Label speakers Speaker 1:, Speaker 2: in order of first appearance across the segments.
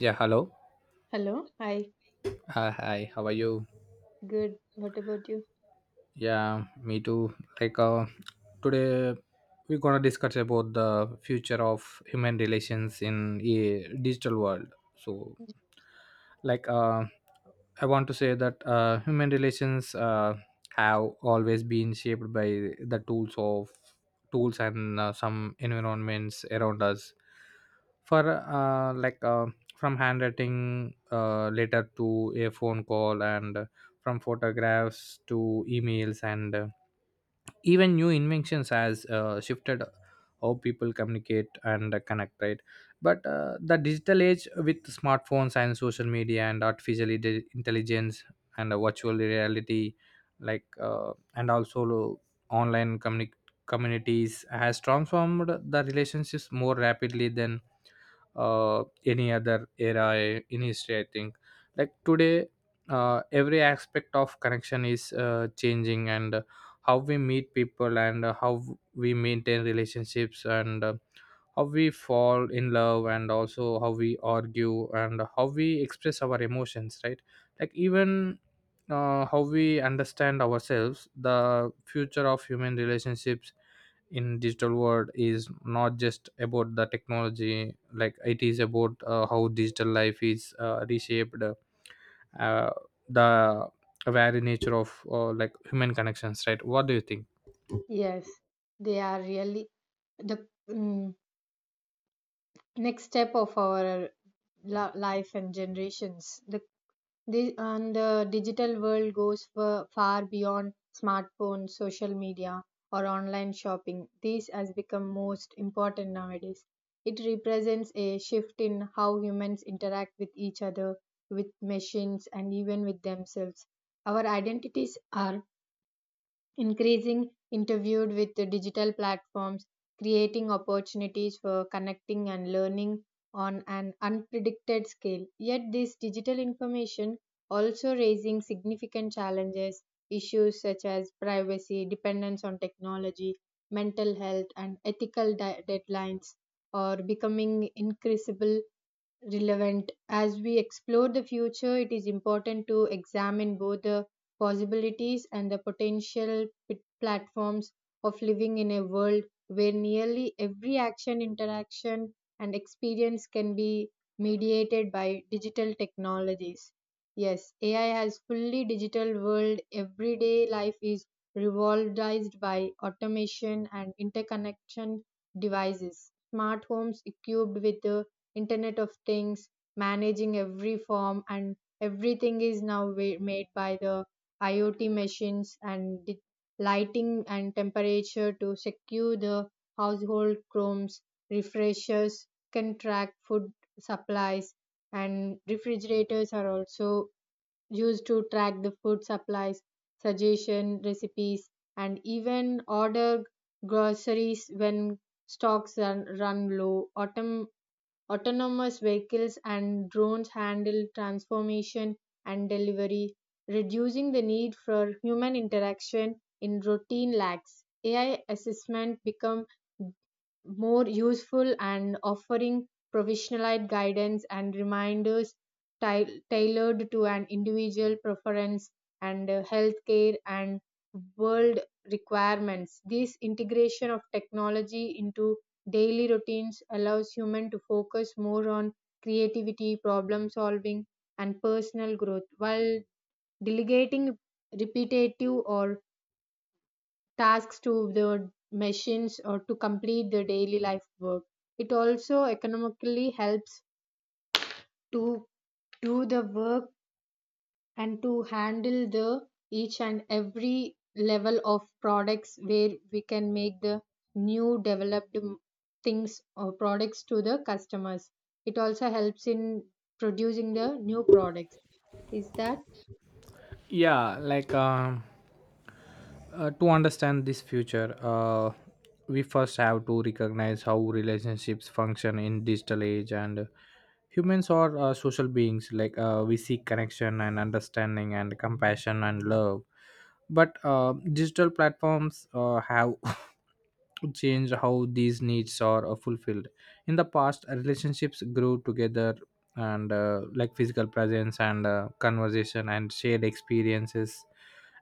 Speaker 1: Yeah, hello.
Speaker 2: Hello. Hi.
Speaker 1: Hi, hi. How are you?
Speaker 2: Good. What about you?
Speaker 1: Yeah, me too. Today we're gonna discuss about the future of human relations in a digital world. So, like, uh, I want to say that human relations have always been shaped by the tools of tools and some environments around us. For like from handwriting letter to a phone call, and from photographs to emails, and even new inventions has shifted how people communicate and connect, right? But the digital age with smartphones and social media and intelligence and virtual reality, and also online communi- communities, has transformed the relationships more rapidly than any other era in history, I think. Like today, every aspect of connection is changing, and how we meet people, and how we maintain relationships, and how we fall in love, and also how we argue, and how we express our emotions, right? Like even how we understand ourselves, the future of human relationships in digital world is not just about the technology. Like, it is about how digital life is reshaped uh, the very nature of human connections, right? What do you think?
Speaker 2: Yes, they are really the next step of our life and generations. The digital world goes far beyond smartphones, social media, or online shopping. These has become most important nowadays. It represents a shift in how humans interact with each other, with machines, and even with themselves. Our identities are increasing interviewed with the digital platforms, creating opportunities for connecting and learning on an unpredicted scale. Yet this digital information also raising significant challenges. Issues such as privacy, dependence on technology, mental health, and ethical deadlines are becoming increasable relevant. As we explore the future, it is important to examine both the possibilities and the potential platforms of living in a world where nearly every action, interaction, and experience can be mediated by digital technologies. Yes, AI has fully digital world. Everyday life is revolved by automation and interconnection devices. Smart homes equipped with the internet of things, managing every form and everything is now made by the iot machines and lighting and temperature to secure the household chromes. Refreshers can track food supplies, and refrigerators are also used to track the food supplies, suggestion recipes, and even order groceries when stocks run low. Autonomous vehicles and drones handle transformation and delivery, reducing the need for human interaction in routine lags. AI assessment become more useful and offering professionalized guidance and reminders tailored to an individual preference and healthcare and world requirements. This integration of technology into daily routines allows humans to focus more on creativity, problem solving, and personal growth while delegating repetitive or tasks to the machines or to complete the daily life work. It also economically helps to do the work and to handle the each and every level of products where we can make the new developed things or products to the customers. It also helps in producing the new products. Is that?
Speaker 1: yeah like um to understand this future, we first have to recognize how relationships function in digital age. And humans are social beings. We seek connection and understanding and compassion and love, but digital platforms have change how these needs are fulfilled. In the past, relationships grew together and physical presence and conversation and shared experiences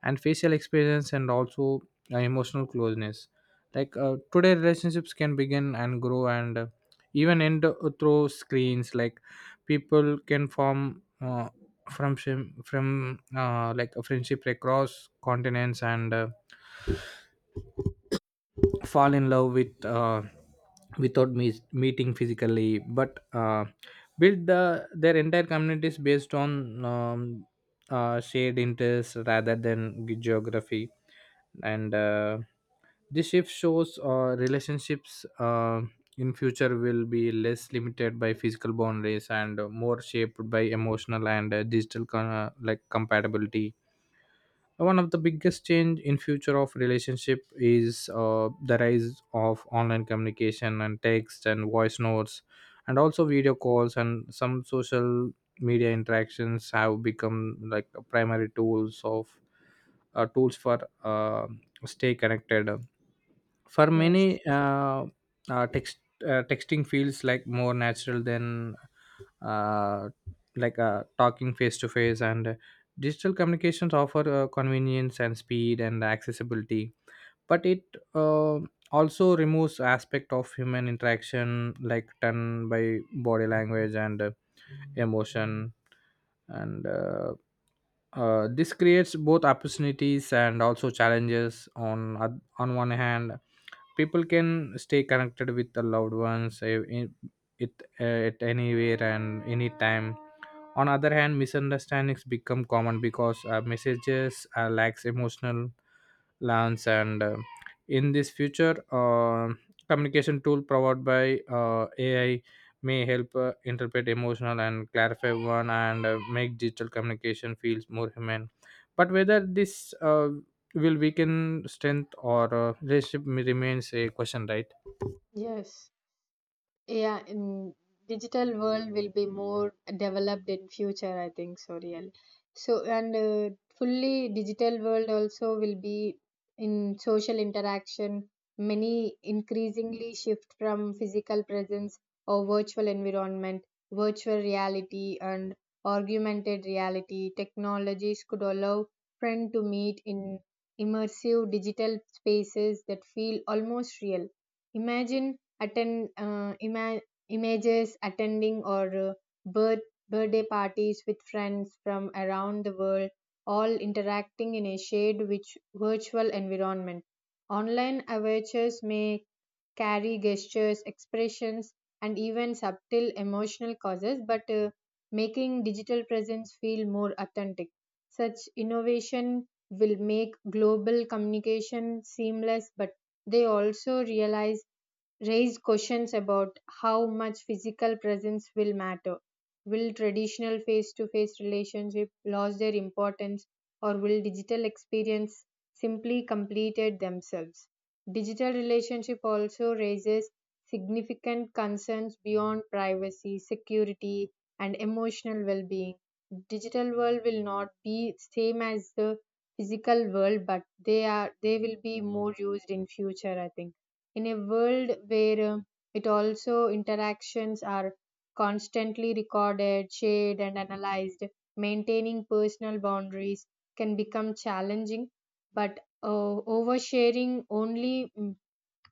Speaker 1: and facial experience and also emotional closeness. Today relationships can begin and grow and even end through screens. Like, people can form from shim- from like a friendship across continents and fall in love with without meeting physically, but build their entire communities based on shared interests rather than geography. And this shift shows relationships in future will be less limited by physical boundaries and more shaped by emotional and digital con- like compatibility. One of the biggest change in future of relationship is the rise of online communication and text and voice notes and also video calls and some social media interactions have become like primary tools of tools for stay connected for many.
Speaker 2: Yes.
Speaker 1: Uh, text Texting feels like more natural than uh, talking face to face. And digital communications offer convenience and speed and accessibility, but it uh, also removes aspect of human interaction, like tone by body language and emotion. And this creates both opportunities and also challenges. On one hand, people can stay connected with the loved ones, it, uh, at anywhere and anytime. On other hand, misunderstandings become common because messages lacks emotional lands. And in this future, communication tool provided by ai may help interpret emotional and clarify one and make digital communication feels more human. But whether this will weaken strength or relationship remains a question, right?
Speaker 2: Yes. Yeah, in digital world will be more developed in future, I think so real. So and fully digital world also will be in social interaction. Many increasingly shift from physical presence or virtual environment, virtual reality, and augmented reality. Technologies could allow friend to meet in immersive digital spaces that feel almost real. Imagine attend uh, ima- images attending or birthday parties with friends from around the world, all interacting in a shared which virtual environment. Online avatars may carry gestures, expressions, and even subtle emotional causes, but making digital presence feel more authentic. Such innovation will make global communication seamless, but they also realize raised questions about how much physical presence will matter. Will traditional face to face relationship lose their importance, or will digital experience simply completed themselves? Digital relationship also raises significant concerns beyond privacy, security, and emotional well-being. Digital world will not be same as the physical world, but they will be more used in future, I think. In a world where it also interactions are constantly recorded, shared, and analyzed, maintaining personal boundaries can become challenging, but oversharing only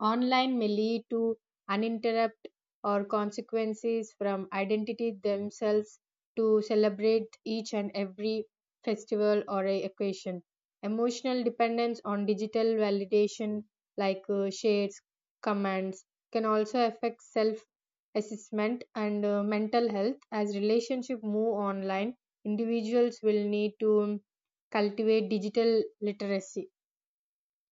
Speaker 2: online may lead to uninterrupted or consequences from identity themselves, to celebrate each and every festival or a occasion. Emotional dependence on digital validation, like shares, comments, can also affect self assessment and mental health. As relationship move online, individuals will need to cultivate digital literacy,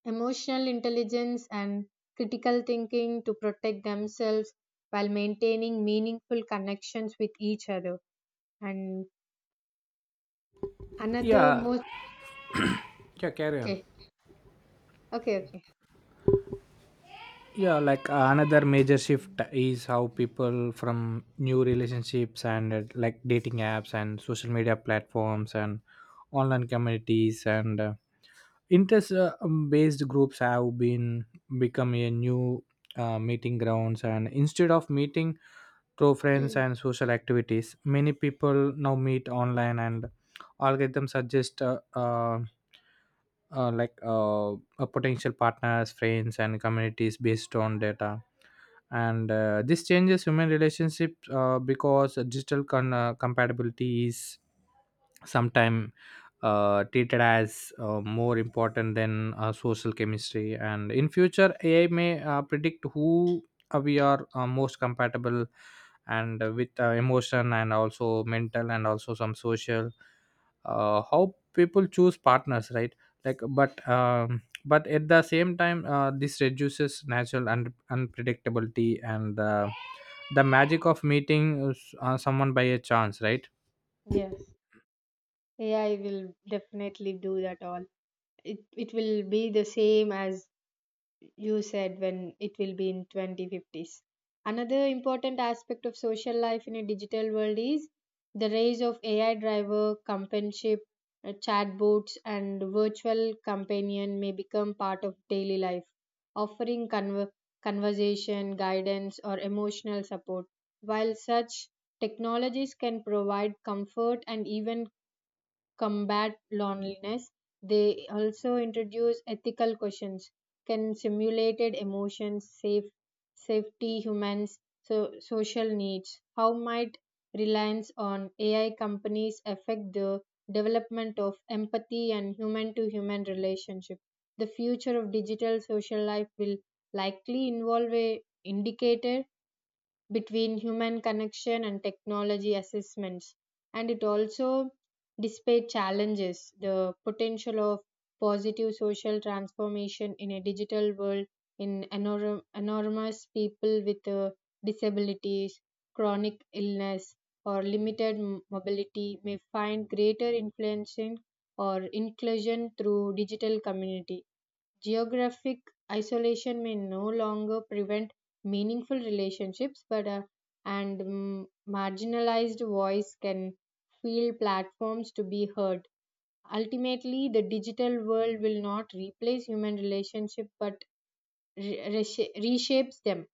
Speaker 2: emotional intelligence, and critical thinking to protect themselves while maintaining meaningful connections with each other. And another
Speaker 1: Yeah,
Speaker 2: most.
Speaker 1: yeah, carry on.
Speaker 2: Okay. Okay.
Speaker 1: Another major shift is how people from new relationships and like dating apps and social media platforms and online communities and interest based groups have been become a new meeting grounds. And instead of meeting through friends
Speaker 2: Okay.
Speaker 1: and social activities, many people now meet online, and algorithms suggest a potential partners, friends, and communities based on data. And this changes human relationships, because compatibility is sometimes treated as more important than social chemistry. And in future, AI may predict who we are most compatible and with emotion and also mental and also some social, how people choose partners, right? But at the same time, this reduces natural and unpredictability and the magic of meeting someone by a chance, right?
Speaker 2: Yes, AI will definitely do that all. It will be the same as you said when it will be in 2050s. Another important aspect of social life in a digital world is the rise of AI driver companionship. Chatbots and virtual companion may become part of daily life, offering conversation, guidance, or emotional support. While such technologies can provide comfort and even combat loneliness, they also introduce ethical questions. Can simulated emotions save safety humans so social needs? How might reliance on AI companies affect the development of empathy and human to human relationship? The future of digital social life will likely involve a indicator between human connection and technology assessments, and it also displayed challenges the potential of positive social transformation in a digital world. In enormous people with disabilities, chronic illness, or limited mobility may find greater influence in or inclusion through digital community. Geographic isolation may no longer prevent meaningful relationships, but and mm, marginalized voice can feel platforms to be heard. Ultimately, the digital world will not replace human relationship, but reshapes them.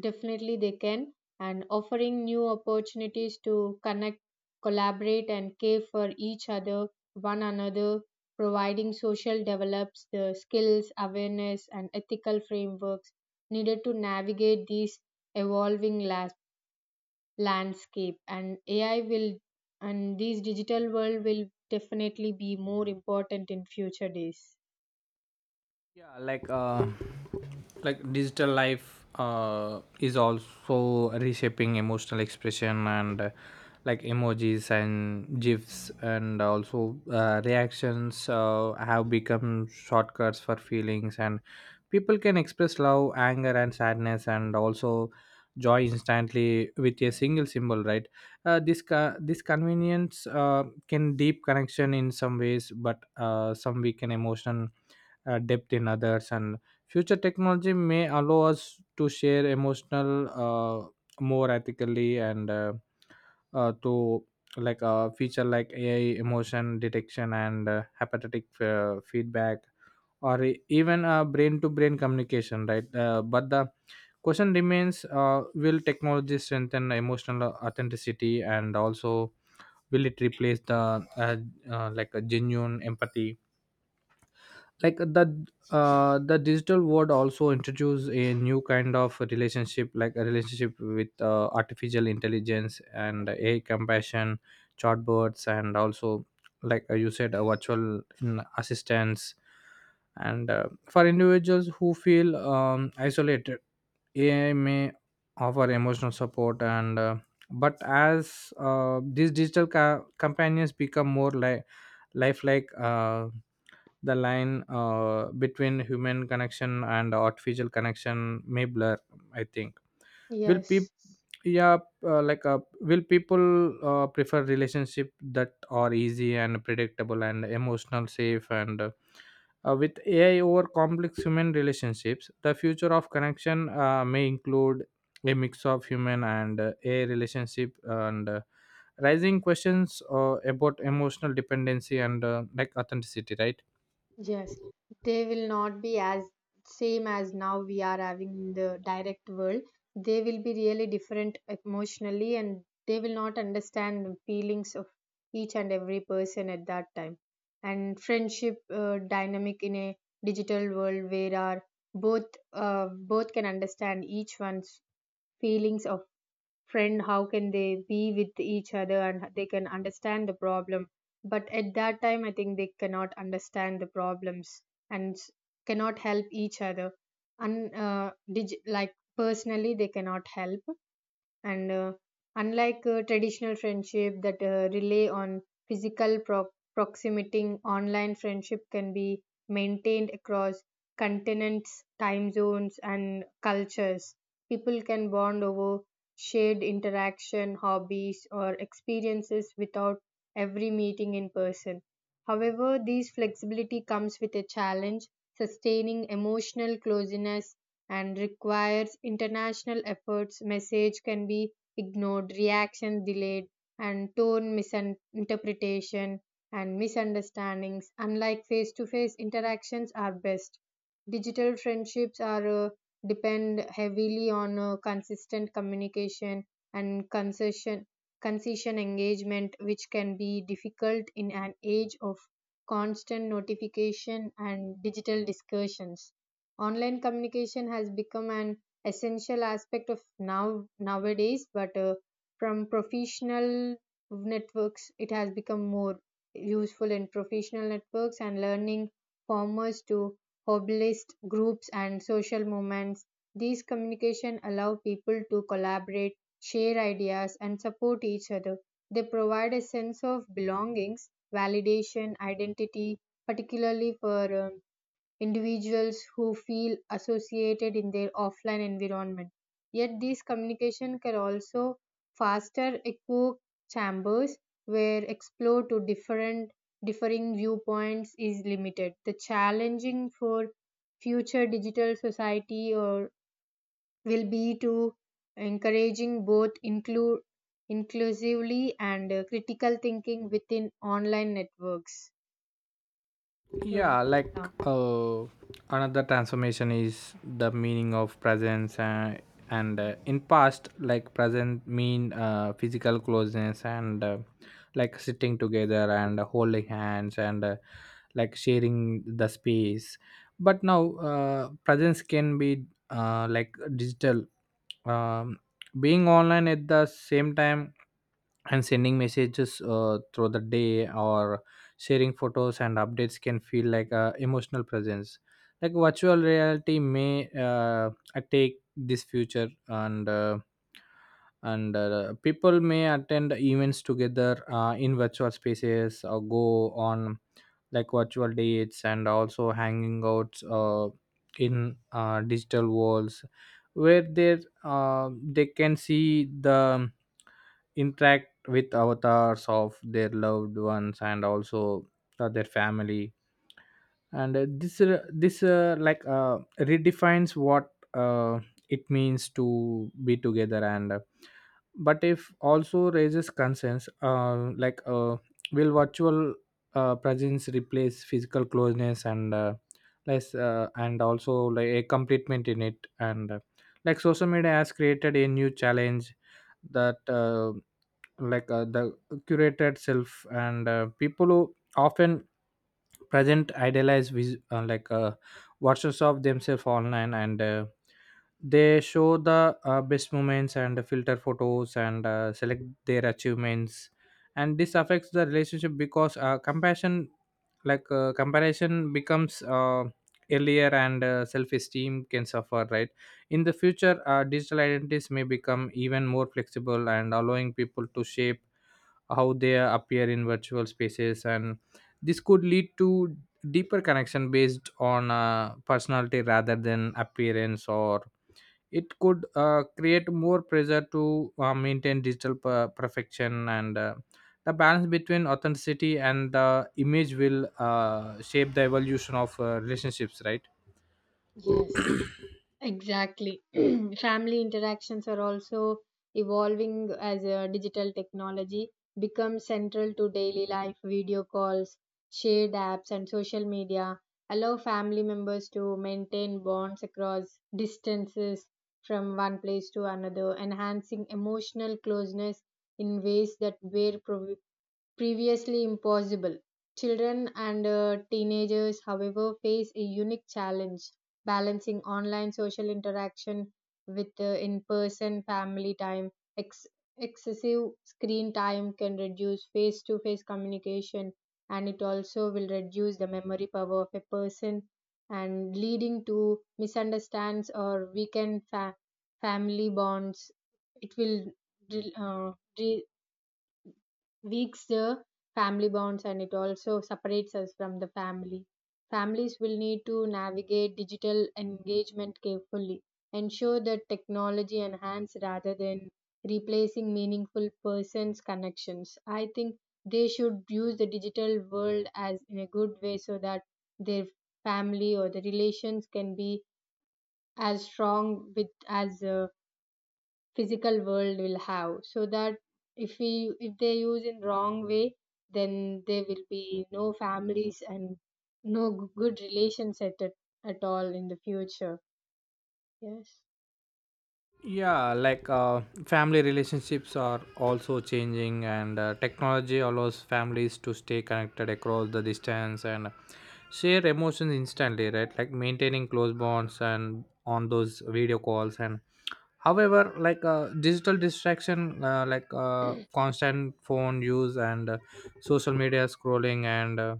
Speaker 2: Definitely, they can, and offering new opportunities to connect, collaborate, and care for each other, one another, providing social develops the skills, awareness, and ethical frameworks needed to navigate these evolving landscape. And AI will, and these digital world will definitely be more important in future days.
Speaker 1: yeah like uh Digital life is also reshaping emotional expression. And emojis and gifs and also reactions have become shortcuts for feelings. And people can express love, anger and sadness and also joy instantly with a single symbol, right? This convenience can deep connection in some ways, but some weaken emotion depth in others. And future technology may allow us to share emotional more ethically, and to like a feature like ai emotion detection and empathetic feedback, or even brain to brain communication, right? But the question remains, will technology strengthen emotional authenticity, and also will it replace the uh, a genuine empathy? like the the digital world also introduce a new kind of relationship, like a relationship with artificial intelligence and a compassion chatbots and also, like you said, a virtual assistance. And for individuals who feel isolated, ai may offer emotional support. And But as these companions become more like lifelike, the line between human connection and artificial connection may blur, I think. Will
Speaker 2: Yes.
Speaker 1: people, yeah, will people prefer relationship that are easy and predictable and emotional safe and with AI over complex human relationships? The future of connection may include a mix of human and AI relationship, and rising questions about emotional dependency and authenticity, right?
Speaker 2: Yes, they will not be as same as now we are having in the direct world. They will be really different emotionally, and they will not understand the feelings of each and every person at that time. And friendship dynamic in a digital world, where are both both can understand each one's feelings. Friend how can they be with each other, and they can understand the problem, but at that time I think they cannot understand the problems, and cannot help each other, and like personally they cannot help, and unlike traditional friendship that rely on physical proximity, online friendship can be maintained across continents, time zones, and cultures. People can bond over shared interaction, hobbies, or experiences without every meeting in person. However, this flexibility comes with a challenge. Sustaining emotional closeness and requires international efforts, message can be ignored, reaction delayed, and tone misinterpretation and misunderstandings. Unlike face to face interactions, are best. Digital friendships are depend heavily on consistent communication and concession engagement, which can be difficult in an age of constant notification and digital discussions. Online communication has become an essential aspect of now nowadays, but from professional networks, it has become more useful in professional networks and learning formers to hobbyist groups and social movements. These communication allow people to collaborate, share ideas, and support each other. They provide a sense of belongings, validation, identity, particularly for individuals who feel associated in their offline environment. Yet, these communication can also foster echo chambers where explore to different differing viewpoints is limited. The challenging for future digital society or will be to encouraging both include inclusively and critical thinking within online networks. Good.
Speaker 1: yeah like
Speaker 2: uh,
Speaker 1: uh, Another transformation is the meaning of presence. And In past, like, present mean physical closeness and sitting together and holding hands and sharing the space. But now presence can be digital, um, being online at the same time and sending messages through the day, or sharing photos and updates can feel like a emotional presence. Like, virtual reality may take this future, and people may attend events together in virtual spaces, or go on like virtual dates, and also hanging out in digital worlds where they can see the, interact with avatars of their loved ones and also their family. And this this like redefines what it means to be together. And But if also raises concerns, will virtual presence replace physical closeness, and less and also like a completement in it? And Like, social media has created a new challenge, that the curated self. And people who often present idealize watchers of themselves online, and they show the best moments and filter photos and select their achievements. And this affects the relationship because compassion like comparison becomes earlier, and self-esteem can suffer, right? In the future, digital identities may become even more flexible and allowing people to shape how they appear in virtual spaces, and this could lead to deeper connection based on personality rather than appearance, or it could create more pressure to maintain perfection. And the balance between authenticity and the image will shape the evolution of relationships, right?
Speaker 2: yes. Exactly. Family interactions are also evolving as digital technology becomes central to daily life. Video calls, shared apps, and social media allow family members to maintain bonds across distances from one place to another, enhancing emotional closeness in ways that were previously impossible. Children and teenagers, however, face a unique challenge balancing online social interaction with in person family time. Ex- Excessive screen time can reduce face to face communication, and it also will reduce the memory power of a person, and leading to misunderstands or weakened family bonds. It will dri- uh, dri- weaks the family bonds, and it also separates us from the family. Families will need to navigate digital engagement carefully, ensure that technology enhances rather than replacing meaningful persons' connections. I think they should use the digital world as in a good way, so that their family or the relations can be as strong with as physical world will have, so that if we if they use in wrong way, then there will be no families and no good relations at all in the future. Yes.
Speaker 1: Family relationships are also changing, and technology allows families to stay connected across the distance and share emotions instantly, right? Like maintaining close bonds and on those video calls. And however, digital distraction, constant phone use and social media scrolling and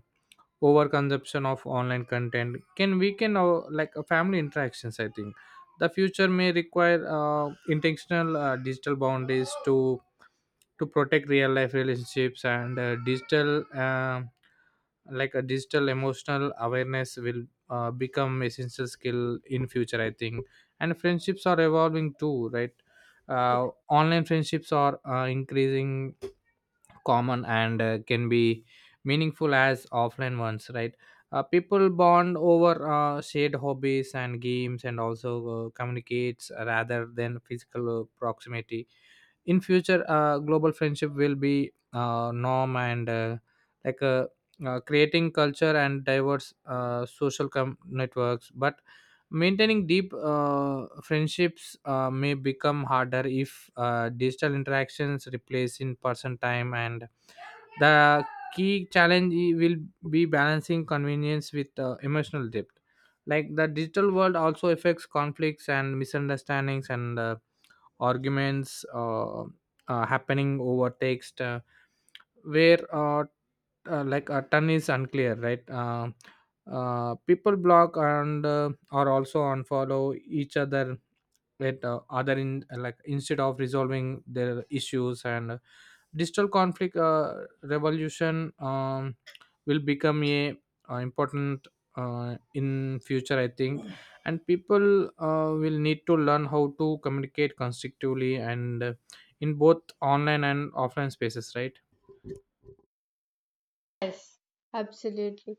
Speaker 1: overconsumption of online content can weaken our family interactions, I think. The future may require intentional digital boundaries to protect real life relationships. And digital like a digital emotional awareness will become essential skill in future, I think. And friendships are evolving too, right?
Speaker 2: Yeah.
Speaker 1: Online friendships are increasing common, and can be meaningful as offline ones, right? People bond over shared hobbies and games and also communicates rather than physical proximity. In future, global friendship will be norm, and like uh, creating culture and diverse social networks, but maintaining deep friendships may become harder if digital interactions replace in person time. And the key challenge will be balancing convenience with emotional depth. Like, the digital world also affects conflicts and misunderstandings, and arguments happening over text, where like a ton is unclear, right? People block and are also unfollow each other, let other in, like, instead of resolving their issues. And digital conflict revolution will become a important in future, I think. And people will need to learn how to communicate constructively and in both online and offline spaces, right?
Speaker 2: Yes, absolutely.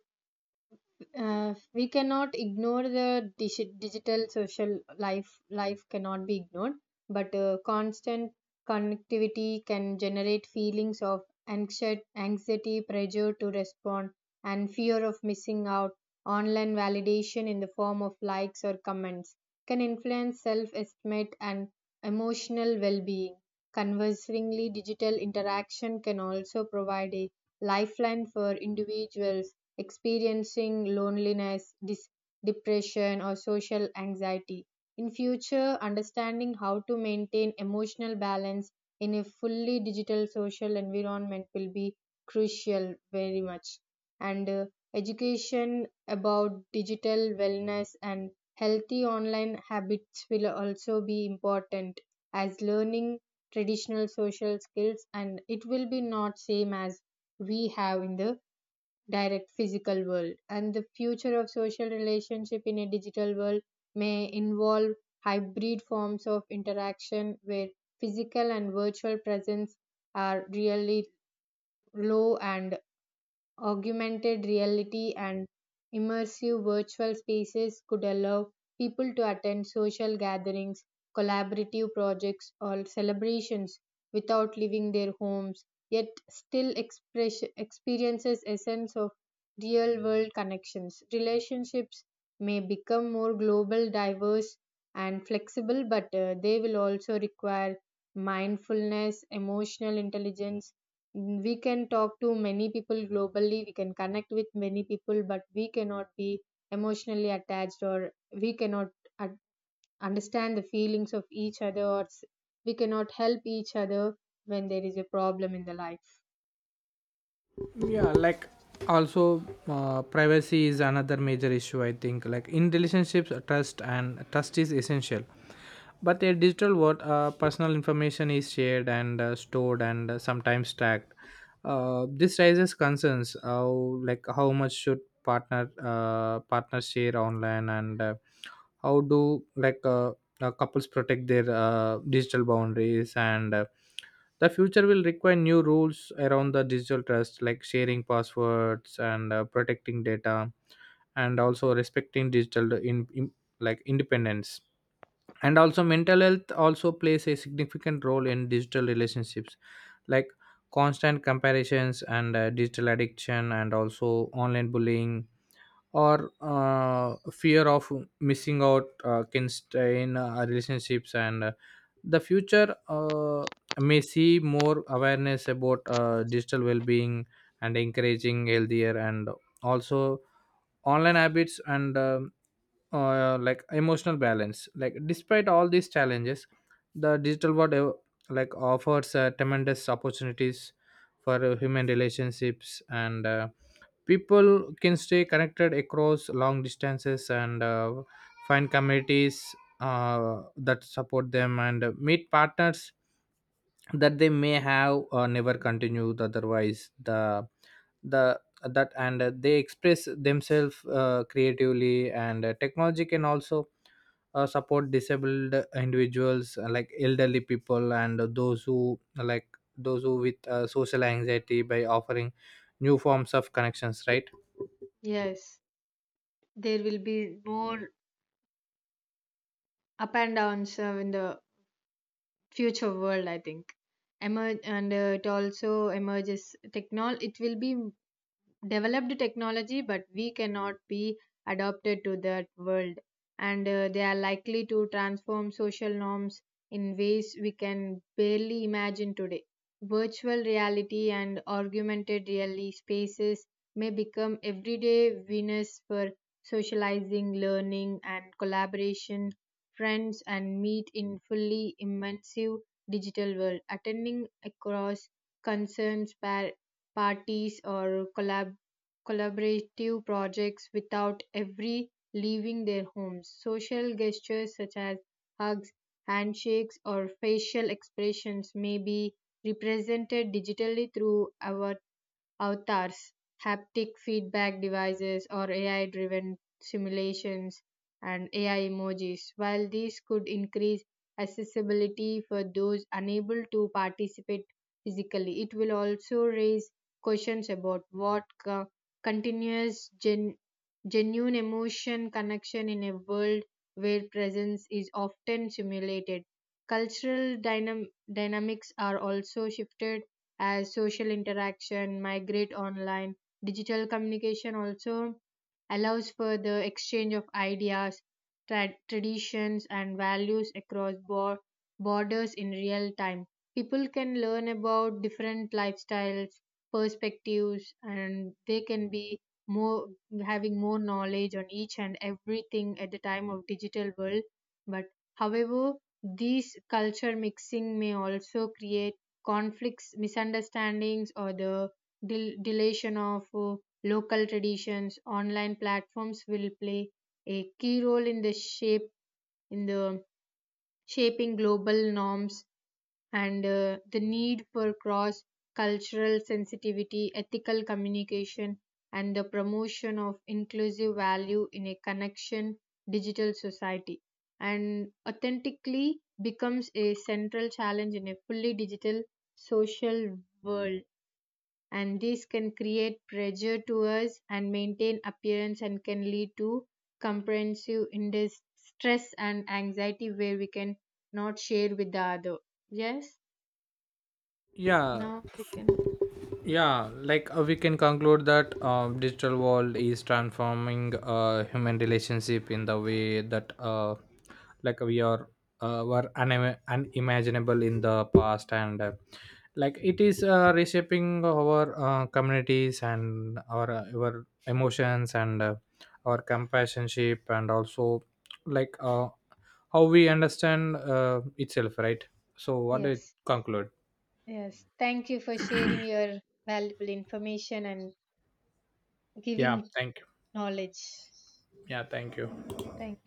Speaker 2: We cannot ignore the digital social life. Life cannot be ignored, but constant connectivity can generate feelings of anxiety, anxiety pressure to respond, and fear of missing out. Online validation in the form of likes or comments can influence self estimate and emotional well being. Conversely, digital interaction can also provide a lifeline for individuals experiencing loneliness, depression, or social anxiety. In future, understanding how to maintain emotional balance in a fully digital social environment will be crucial very much. And education about digital wellness and healthy online habits will also be important, as learning traditional social skills, and it will be not same as we have in the direct physical world. And the future of social relationship in a digital world may involve hybrid forms of interaction, where physical and virtual presence are really low, and augmented reality and immersive virtual spaces could allow people to attend social gatherings, collaborative projects, or celebrations without leaving their homes, yet still express, experiences a sense of real world connections. Relationships may become more global, diverse, and flexible, but they will also require mindfulness, emotional intelligence. Mm, we can talk to many people globally, we can connect with many people, but we cannot be emotionally attached, or we cannot un- understand the feelings of each other, or we cannot help each other when there is a problem in the life.
Speaker 1: yeah like also Privacy is another major issue, I think. Like in relationships, trust is essential, but in digital world, personal information is shared and stored and sometimes tracked. This raises concerns how, like how much should partner partners share online, and how do like couples protect their digital boundaries? And the future will require new rules around the digital trust, like sharing passwords and protecting data, and also respecting digital in like independence. And also mental health also plays a significant role in digital relationships, like constant comparisons and digital addiction, and also online bullying, or fear of missing out can strain relationships. And the future may see more awareness about digital well-being, and encouraging healthier and also online habits, and emotional balance. Like, despite all these challenges, the digital world like offers tremendous opportunities for human relationships. And people can stay connected across long distances, and find communities that support them, and meet partners that they may have never continued otherwise, the that and they express themselves creatively. And technology can also support disabled individuals, like elderly people, and those who with social anxiety, by offering new forms of connections, right?
Speaker 2: Yes, there will be more up and downs in the future world, I think. Emerge and it also emerges technol. It will be developed technology, but we cannot be adapted to that world. And they are likely to transform social norms in ways we can barely imagine today. Virtual reality and augmented reality spaces may become everyday winners for socializing, learning, and collaboration. Friends and meet in fully immersive digital world, attending across concerns, parties or collaborative projects without every leaving their homes. Social gestures such as hugs, handshakes, or facial expressions may be represented digitally through our avatars, haptic feedback devices, or AI driven simulations and AI emojis. While these could increase accessibility for those unable to participate physically, it will also raise questions about what continuous genuine emotion connection in a world where presence is often simulated. Cultural dynamics are also shifted as social interaction migrate online. Digital communication also allows for the exchange of ideas, traditions, and values across borders in real time. People can learn about different lifestyles, perspectives, and they can be more having more knowledge on each and everything at the time of digital world. But however, these culture mixing may also create conflicts, misunderstandings, or the deletion of local traditions. Online platforms will play a key role in the shape in the shaping global norms, and the need for cross cultural sensitivity, ethical communication, and the promotion of inclusive value in a connection digital society. And authentically becomes a central challenge in a fully digital social world. And this can create pressure to us and maintain appearance, and can lead to comprehensive stress and anxiety where we can not share with the other. Yes.
Speaker 1: Yeah.
Speaker 2: Now we can.
Speaker 1: We can conclude that digital world is transforming human relationship in the way that like we are were unimaginable in the past. And it is reshaping our communities and our emotions and our compassionship, and also, like uh, how we understand itself, right? So what it
Speaker 2: Yes,
Speaker 1: conclude.
Speaker 2: yes. Thank you for sharing your valuable information and
Speaker 1: Yeah,
Speaker 2: giving
Speaker 1: thank you.
Speaker 2: knowledge.
Speaker 1: Yeah, thank you.
Speaker 2: Thank you.